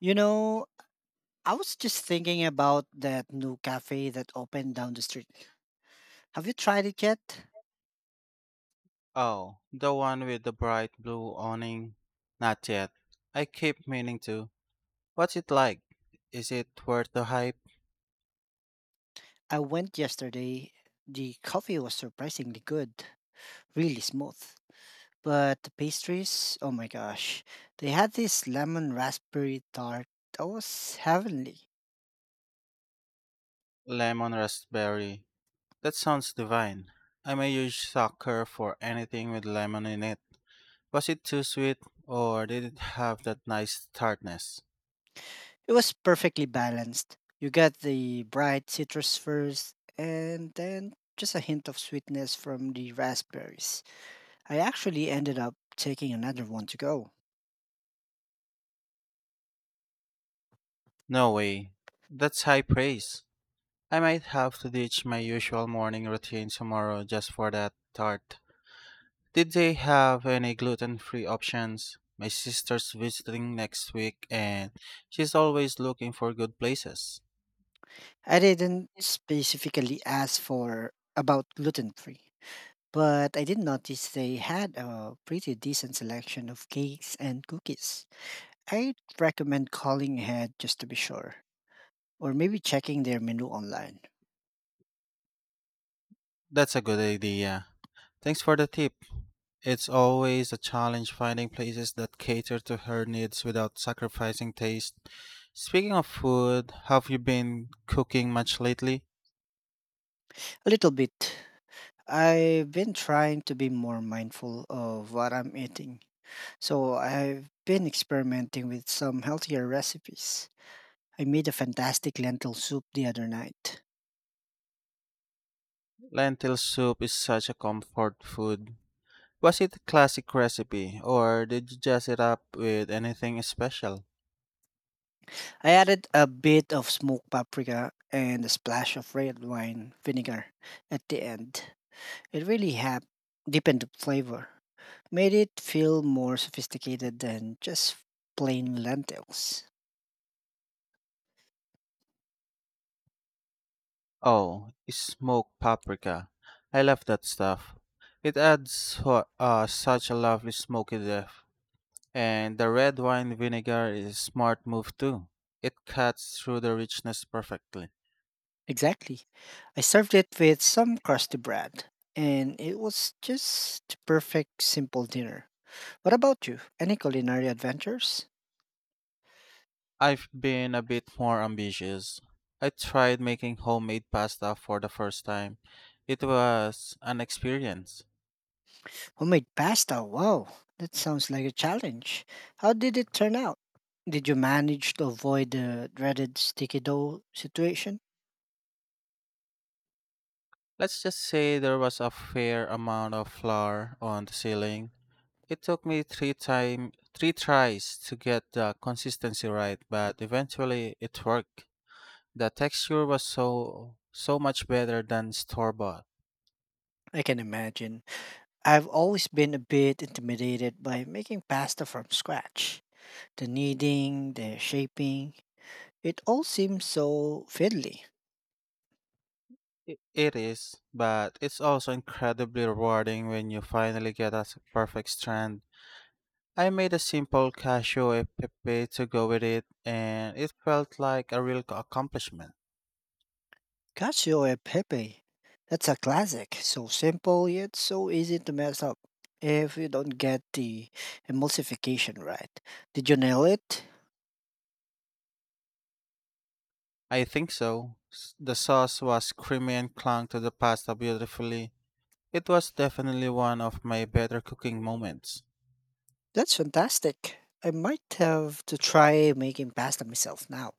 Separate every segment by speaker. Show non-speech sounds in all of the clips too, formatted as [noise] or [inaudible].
Speaker 1: You know, I was just thinking about that new cafe that opened down the street. Have you tried it yet?
Speaker 2: Oh, the one with the bright blue awning? Not yet. I keep meaning to. What's it like? Is it worth the hype?
Speaker 1: I went yesterday. The coffee was surprisingly good, really smooth. But the pastries, oh my gosh, they had this lemon raspberry tart that was heavenly.
Speaker 2: Lemon raspberry. That sounds divine. I'm a huge sucker for anything with lemon in it. Was it too sweet, or did it have that nice tartness?
Speaker 1: It was perfectly balanced. You got the bright citrus first, and then just a hint of sweetness from the raspberries. I actually ended up taking another one to go.
Speaker 2: No way. That's high praise. I might have to ditch my usual morning routine tomorrow just for that tart. Did they have any gluten-free options? My sister's visiting next week and she's always looking for good places.
Speaker 1: I didn't specifically ask for about gluten free, but I did notice they had a pretty decent selection of cakes and cookies. I'd recommend calling ahead just to be sure, or maybe checking their menu online.
Speaker 2: That's a good idea. Thanks for the tip. It's always a challenge finding places that cater to her needs without sacrificing taste. Speaking of food, have you been cooking much lately?
Speaker 1: A little bit. I've been trying to be more mindful of what I'm eating. So I've been experimenting with some healthier recipes. I made a fantastic lentil soup the other night.
Speaker 2: Lentil soup is such a comfort food. Was it a classic recipe or did you jazz it up with anything special?
Speaker 1: I added a bit of smoked paprika and a splash of red wine vinegar at the end. It really helped deepen the flavor, made it feel more sophisticated than just plain lentils.
Speaker 2: Oh, smoked paprika. I love that stuff. It adds such a lovely smoky depth. And the red wine vinegar is a smart move too. It cuts through the richness perfectly.
Speaker 1: Exactly. I served it with some crusty bread, and it was just the perfect simple dinner. What about you? Any culinary adventures?
Speaker 2: I've been a bit more ambitious. I tried making homemade pasta for the first time. It was an experience.
Speaker 1: Homemade pasta, wow, that sounds like a challenge. How did it turn out? Did you manage to avoid the dreaded sticky dough situation?
Speaker 2: Let's just say there was a fair amount of flour on the ceiling. It took me three tries to get the consistency right, but eventually it worked. The texture was so much better than store bought.
Speaker 1: I can imagine. I've always been a bit intimidated by making pasta from scratch. The kneading, the shaping, it all seems so fiddly.
Speaker 2: It is, but it's also incredibly rewarding when you finally get a perfect strand. I made a simple cashew pepe to go with it, and it felt like a real accomplishment.
Speaker 1: Cacio e Pepe. That's a classic. So simple yet so easy to mess up if you don't get the emulsification right. Did you nail it?
Speaker 2: I think so. The sauce was creamy and clung to the pasta beautifully. It was definitely one of my better cooking moments.
Speaker 1: That's fantastic. I might have to try making pasta myself now,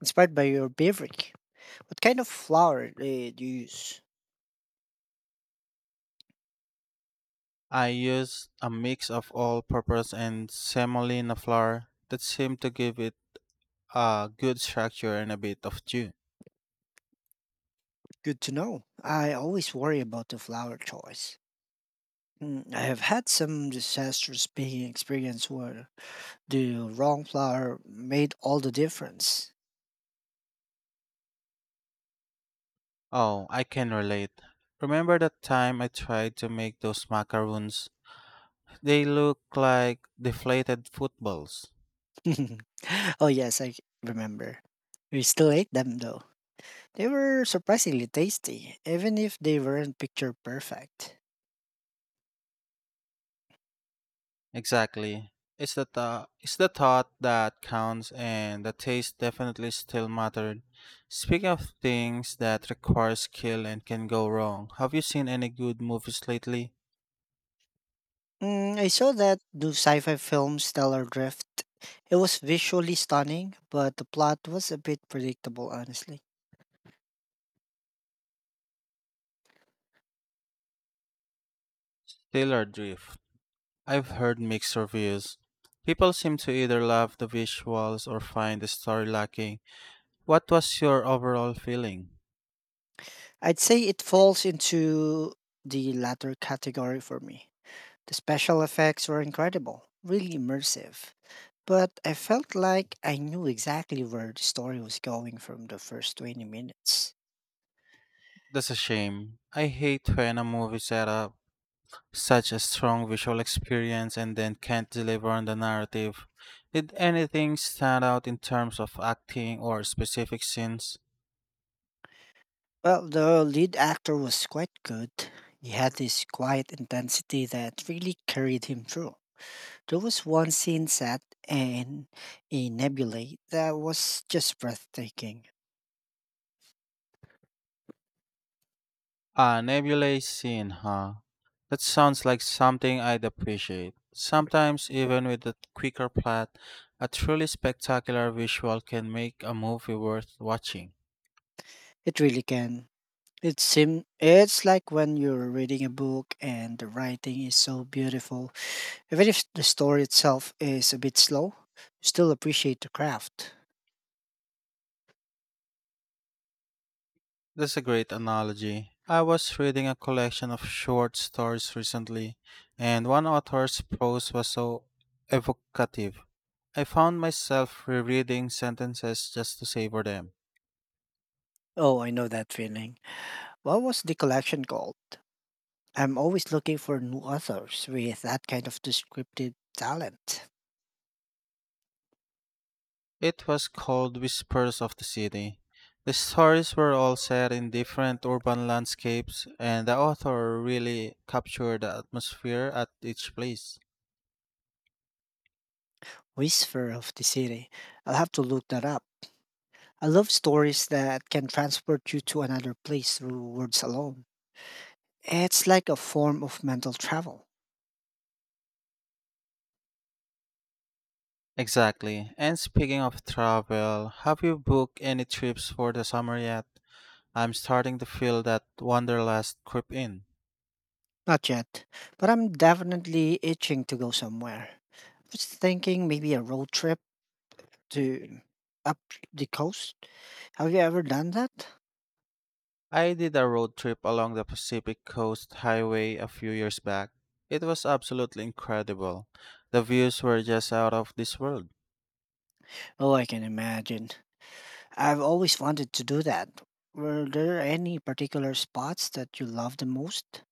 Speaker 1: inspired by your beverage. What kind of flour did you use?
Speaker 2: I used a mix of all purpose and semolina flour that seemed to give it a good structure and a bit of dew.
Speaker 1: Good to know. I always worry about the flour choice. Mm, I have had some disastrous baking experience where the wrong flour made all the difference.
Speaker 2: Oh, I can relate. Remember that time I tried to make those macaroons? They look like deflated footballs.
Speaker 1: [laughs] Oh, yes, I remember. We still ate them though. They were surprisingly tasty, even if they weren't picture perfect.
Speaker 2: Exactly. It's it's the thought that counts, and the taste definitely still mattered. Speaking of things that require skill and can go wrong, have you seen any good movies lately?
Speaker 1: Mm, I saw that new sci fi film Stellar Drift. It was visually stunning, but the plot was a bit predictable, honestly.
Speaker 2: Taylor Drift. I've heard mixed reviews. People seem to either love the visuals or find the story lacking. What was your overall feeling?
Speaker 1: I'd say it falls into the latter category for me. The special effects were incredible, really immersive. But I felt like I knew exactly where the story was going from the first 20 minutes.
Speaker 2: That's a shame. I hate when a movie setup such a strong visual experience and then can't deliver on the narrative. Did anything stand out in terms of acting or specific scenes?
Speaker 1: Well, the lead actor was quite good. He had this quiet intensity that really carried him through. There was one scene set in a nebulae that was just breathtaking.
Speaker 2: Ah, nebulae scene, huh? That sounds like something I'd appreciate. Sometimes, even with a quicker plot, a truly spectacular visual can make a movie worth watching.
Speaker 1: It really can. It's like when you're reading a book and the writing is so beautiful. Even if the story itself is a bit slow, you still appreciate the craft.
Speaker 2: That's a great analogy. I was reading a collection of short stories recently, and one author's prose was so evocative I found myself rereading sentences just to savor them.
Speaker 1: Oh, I know that feeling. What was the collection called? I'm always looking for new authors with that kind of descriptive talent.
Speaker 2: It was called Whispers of the City. The stories were all set in different urban landscapes, and the author really captured the atmosphere at each place.
Speaker 1: Whisper of the City. I'll have to look that up. I love stories that can transport you to another place through words alone. It's like a form of mental travel.
Speaker 2: Exactly. And speaking of travel, have you booked any trips for the summer yet? I'm starting to feel that wanderlust creep in.
Speaker 1: Not yet, but I'm definitely itching to go somewhere. I was thinking maybe a road trip to up the coast. Have you ever done that?
Speaker 2: I did a road trip along the Pacific Coast Highway a few years back. It was absolutely incredible. The views were just out of this world.
Speaker 1: Oh, I can imagine. I've always wanted to do that. Were there any particular spots that you love the most?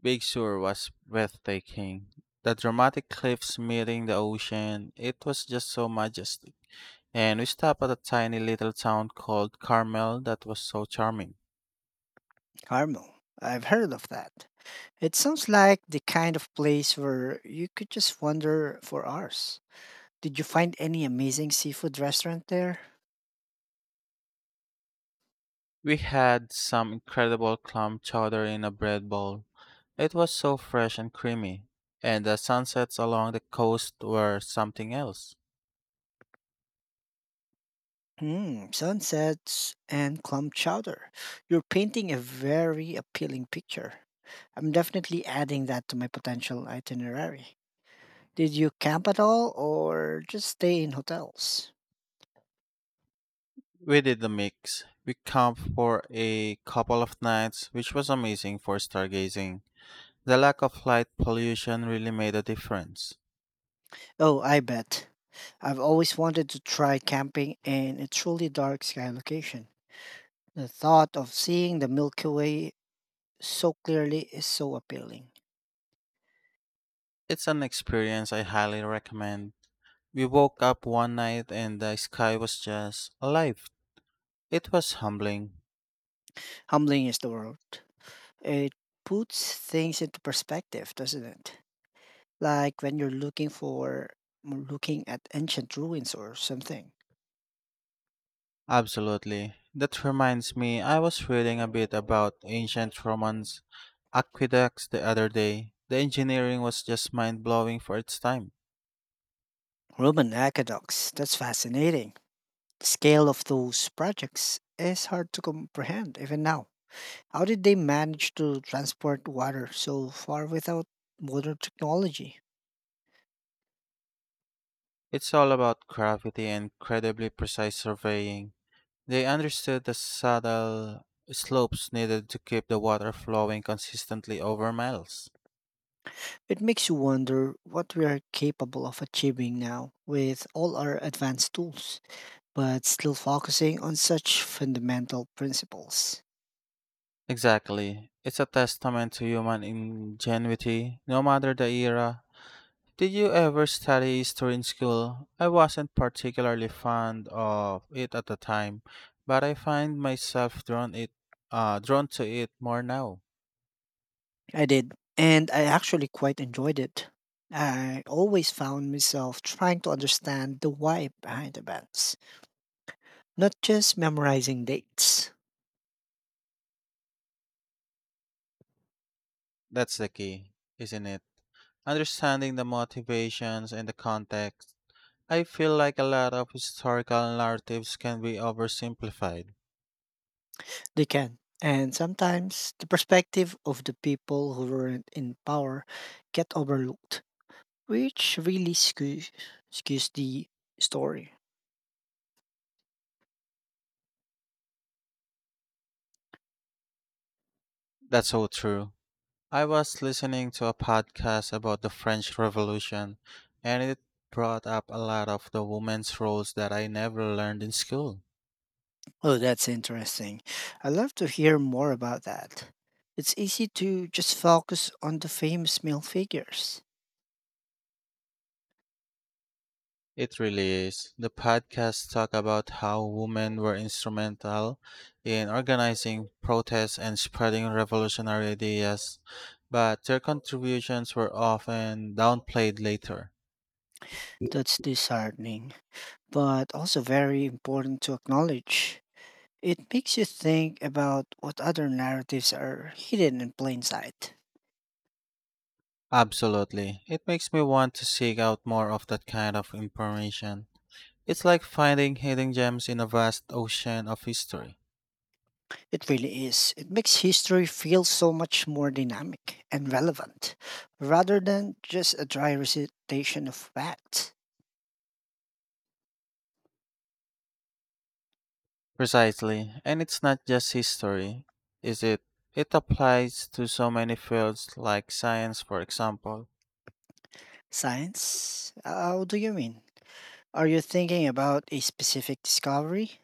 Speaker 2: Big Sur was breathtaking. The dramatic cliffs meeting the ocean, it was just so majestic. And we stopped at a tiny little town called Carmel that was so charming.
Speaker 1: Carmel. I've heard of that. It sounds like the kind of place where you could just wander for hours. Did you find any amazing seafood restaurant there?
Speaker 2: We had some incredible clam chowder in a bread bowl. It was so fresh and creamy, and the sunsets along the coast were something else.
Speaker 1: Hmm, sunsets and clump chowder. You're painting a very appealing picture. I'm definitely adding that to my potential itinerary. Did you camp at all or just stay in hotels?
Speaker 2: We did the mix. We camped for a couple of nights, which was amazing for stargazing. The lack of light pollution really made a difference.
Speaker 1: Oh, I bet. I've always wanted to try camping in a truly dark sky location. The thought of seeing the Milky Way so clearly is so appealing.
Speaker 2: It's an experience I highly recommend. We woke up one night and the sky was just alive. It was humbling.
Speaker 1: Humbling is the word. It puts things into perspective, doesn't it? Like when you're looking at ancient ruins or something.
Speaker 2: Absolutely. That reminds me, I was reading a bit about ancient Romans aqueducts the other day. The engineering was just mind blowing for its time.
Speaker 1: Roman aqueducts, that's fascinating. The scale of those projects is hard to comprehend even now. How did they manage to transport water so far without modern technology?
Speaker 2: It's all about gravity and incredibly precise surveying. They understood the subtle slopes needed to keep the water flowing consistently over miles.
Speaker 1: It makes you wonder what we are capable of achieving now with all our advanced tools, but still focusing on such fundamental principles.
Speaker 2: Exactly. It's a testament to human ingenuity, no matter the era. Did you ever study history in school? I wasn't particularly fond of it at the time, but I find myself drawn to it more now.
Speaker 1: I did. And I actually quite enjoyed it. I always found myself trying to understand the why behind events, not just memorizing dates.
Speaker 2: That's the key, isn't it? Understanding the motivations and the context. I feel like a lot of historical narratives can be oversimplified.
Speaker 1: They can. And sometimes the perspective of the people who weren't in power get overlooked, which really skews the story.
Speaker 2: That's so true. I was listening to a podcast about the French Revolution, and it brought up a lot of the women's roles that I never learned in school.
Speaker 1: Oh, that's interesting. I'd love to hear more about that. It's easy to just focus on the famous male figures.
Speaker 2: It really is. The podcast talk about how women were instrumental in organizing protests and spreading revolutionary ideas, but their contributions were often downplayed later.
Speaker 1: That's disheartening, but also very important to acknowledge. It makes you think about what other narratives are hidden in plain sight.
Speaker 2: Absolutely. It makes me want to seek out more of that kind of information. It's like finding hidden gems in a vast ocean of history.
Speaker 1: It really is. It makes history feel so much more dynamic and relevant, rather than just a dry recitation of facts.
Speaker 2: Precisely. And it's not just history, is it? It applies to so many fields like science, for example.
Speaker 1: Science? How do you mean? Are you thinking about a specific discovery?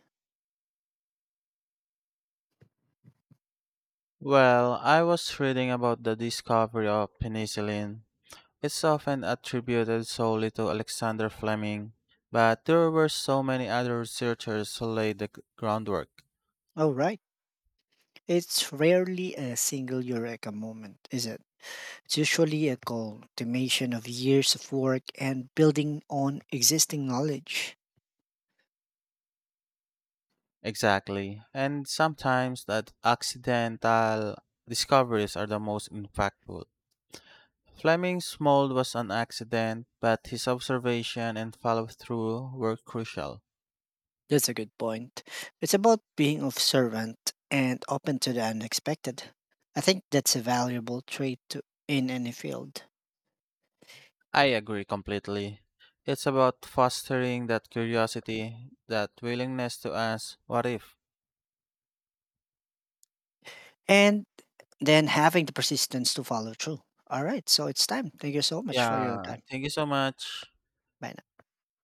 Speaker 2: Well, I was reading about the discovery of penicillin. It's often attributed solely to Alexander Fleming, but there were so many other researchers who laid the groundwork.
Speaker 1: Oh, right. It's rarely a single eureka moment, is it? It's usually a culmination of years of work and building on existing knowledge.
Speaker 2: Exactly. And sometimes that accidental discoveries are the most impactful. Fleming's mold was an accident, but his observation and follow through were crucial.
Speaker 1: That's a good point. It's about being observant and open to the unexpected. I think that's a valuable trait in any field.
Speaker 2: I agree completely. It's about fostering that curiosity, that willingness to ask, what if?
Speaker 1: And then having the persistence to follow through. All right, so it's time. Thank you so much for your
Speaker 2: Yeah,
Speaker 1: time.
Speaker 2: thank you so much.
Speaker 1: Bye.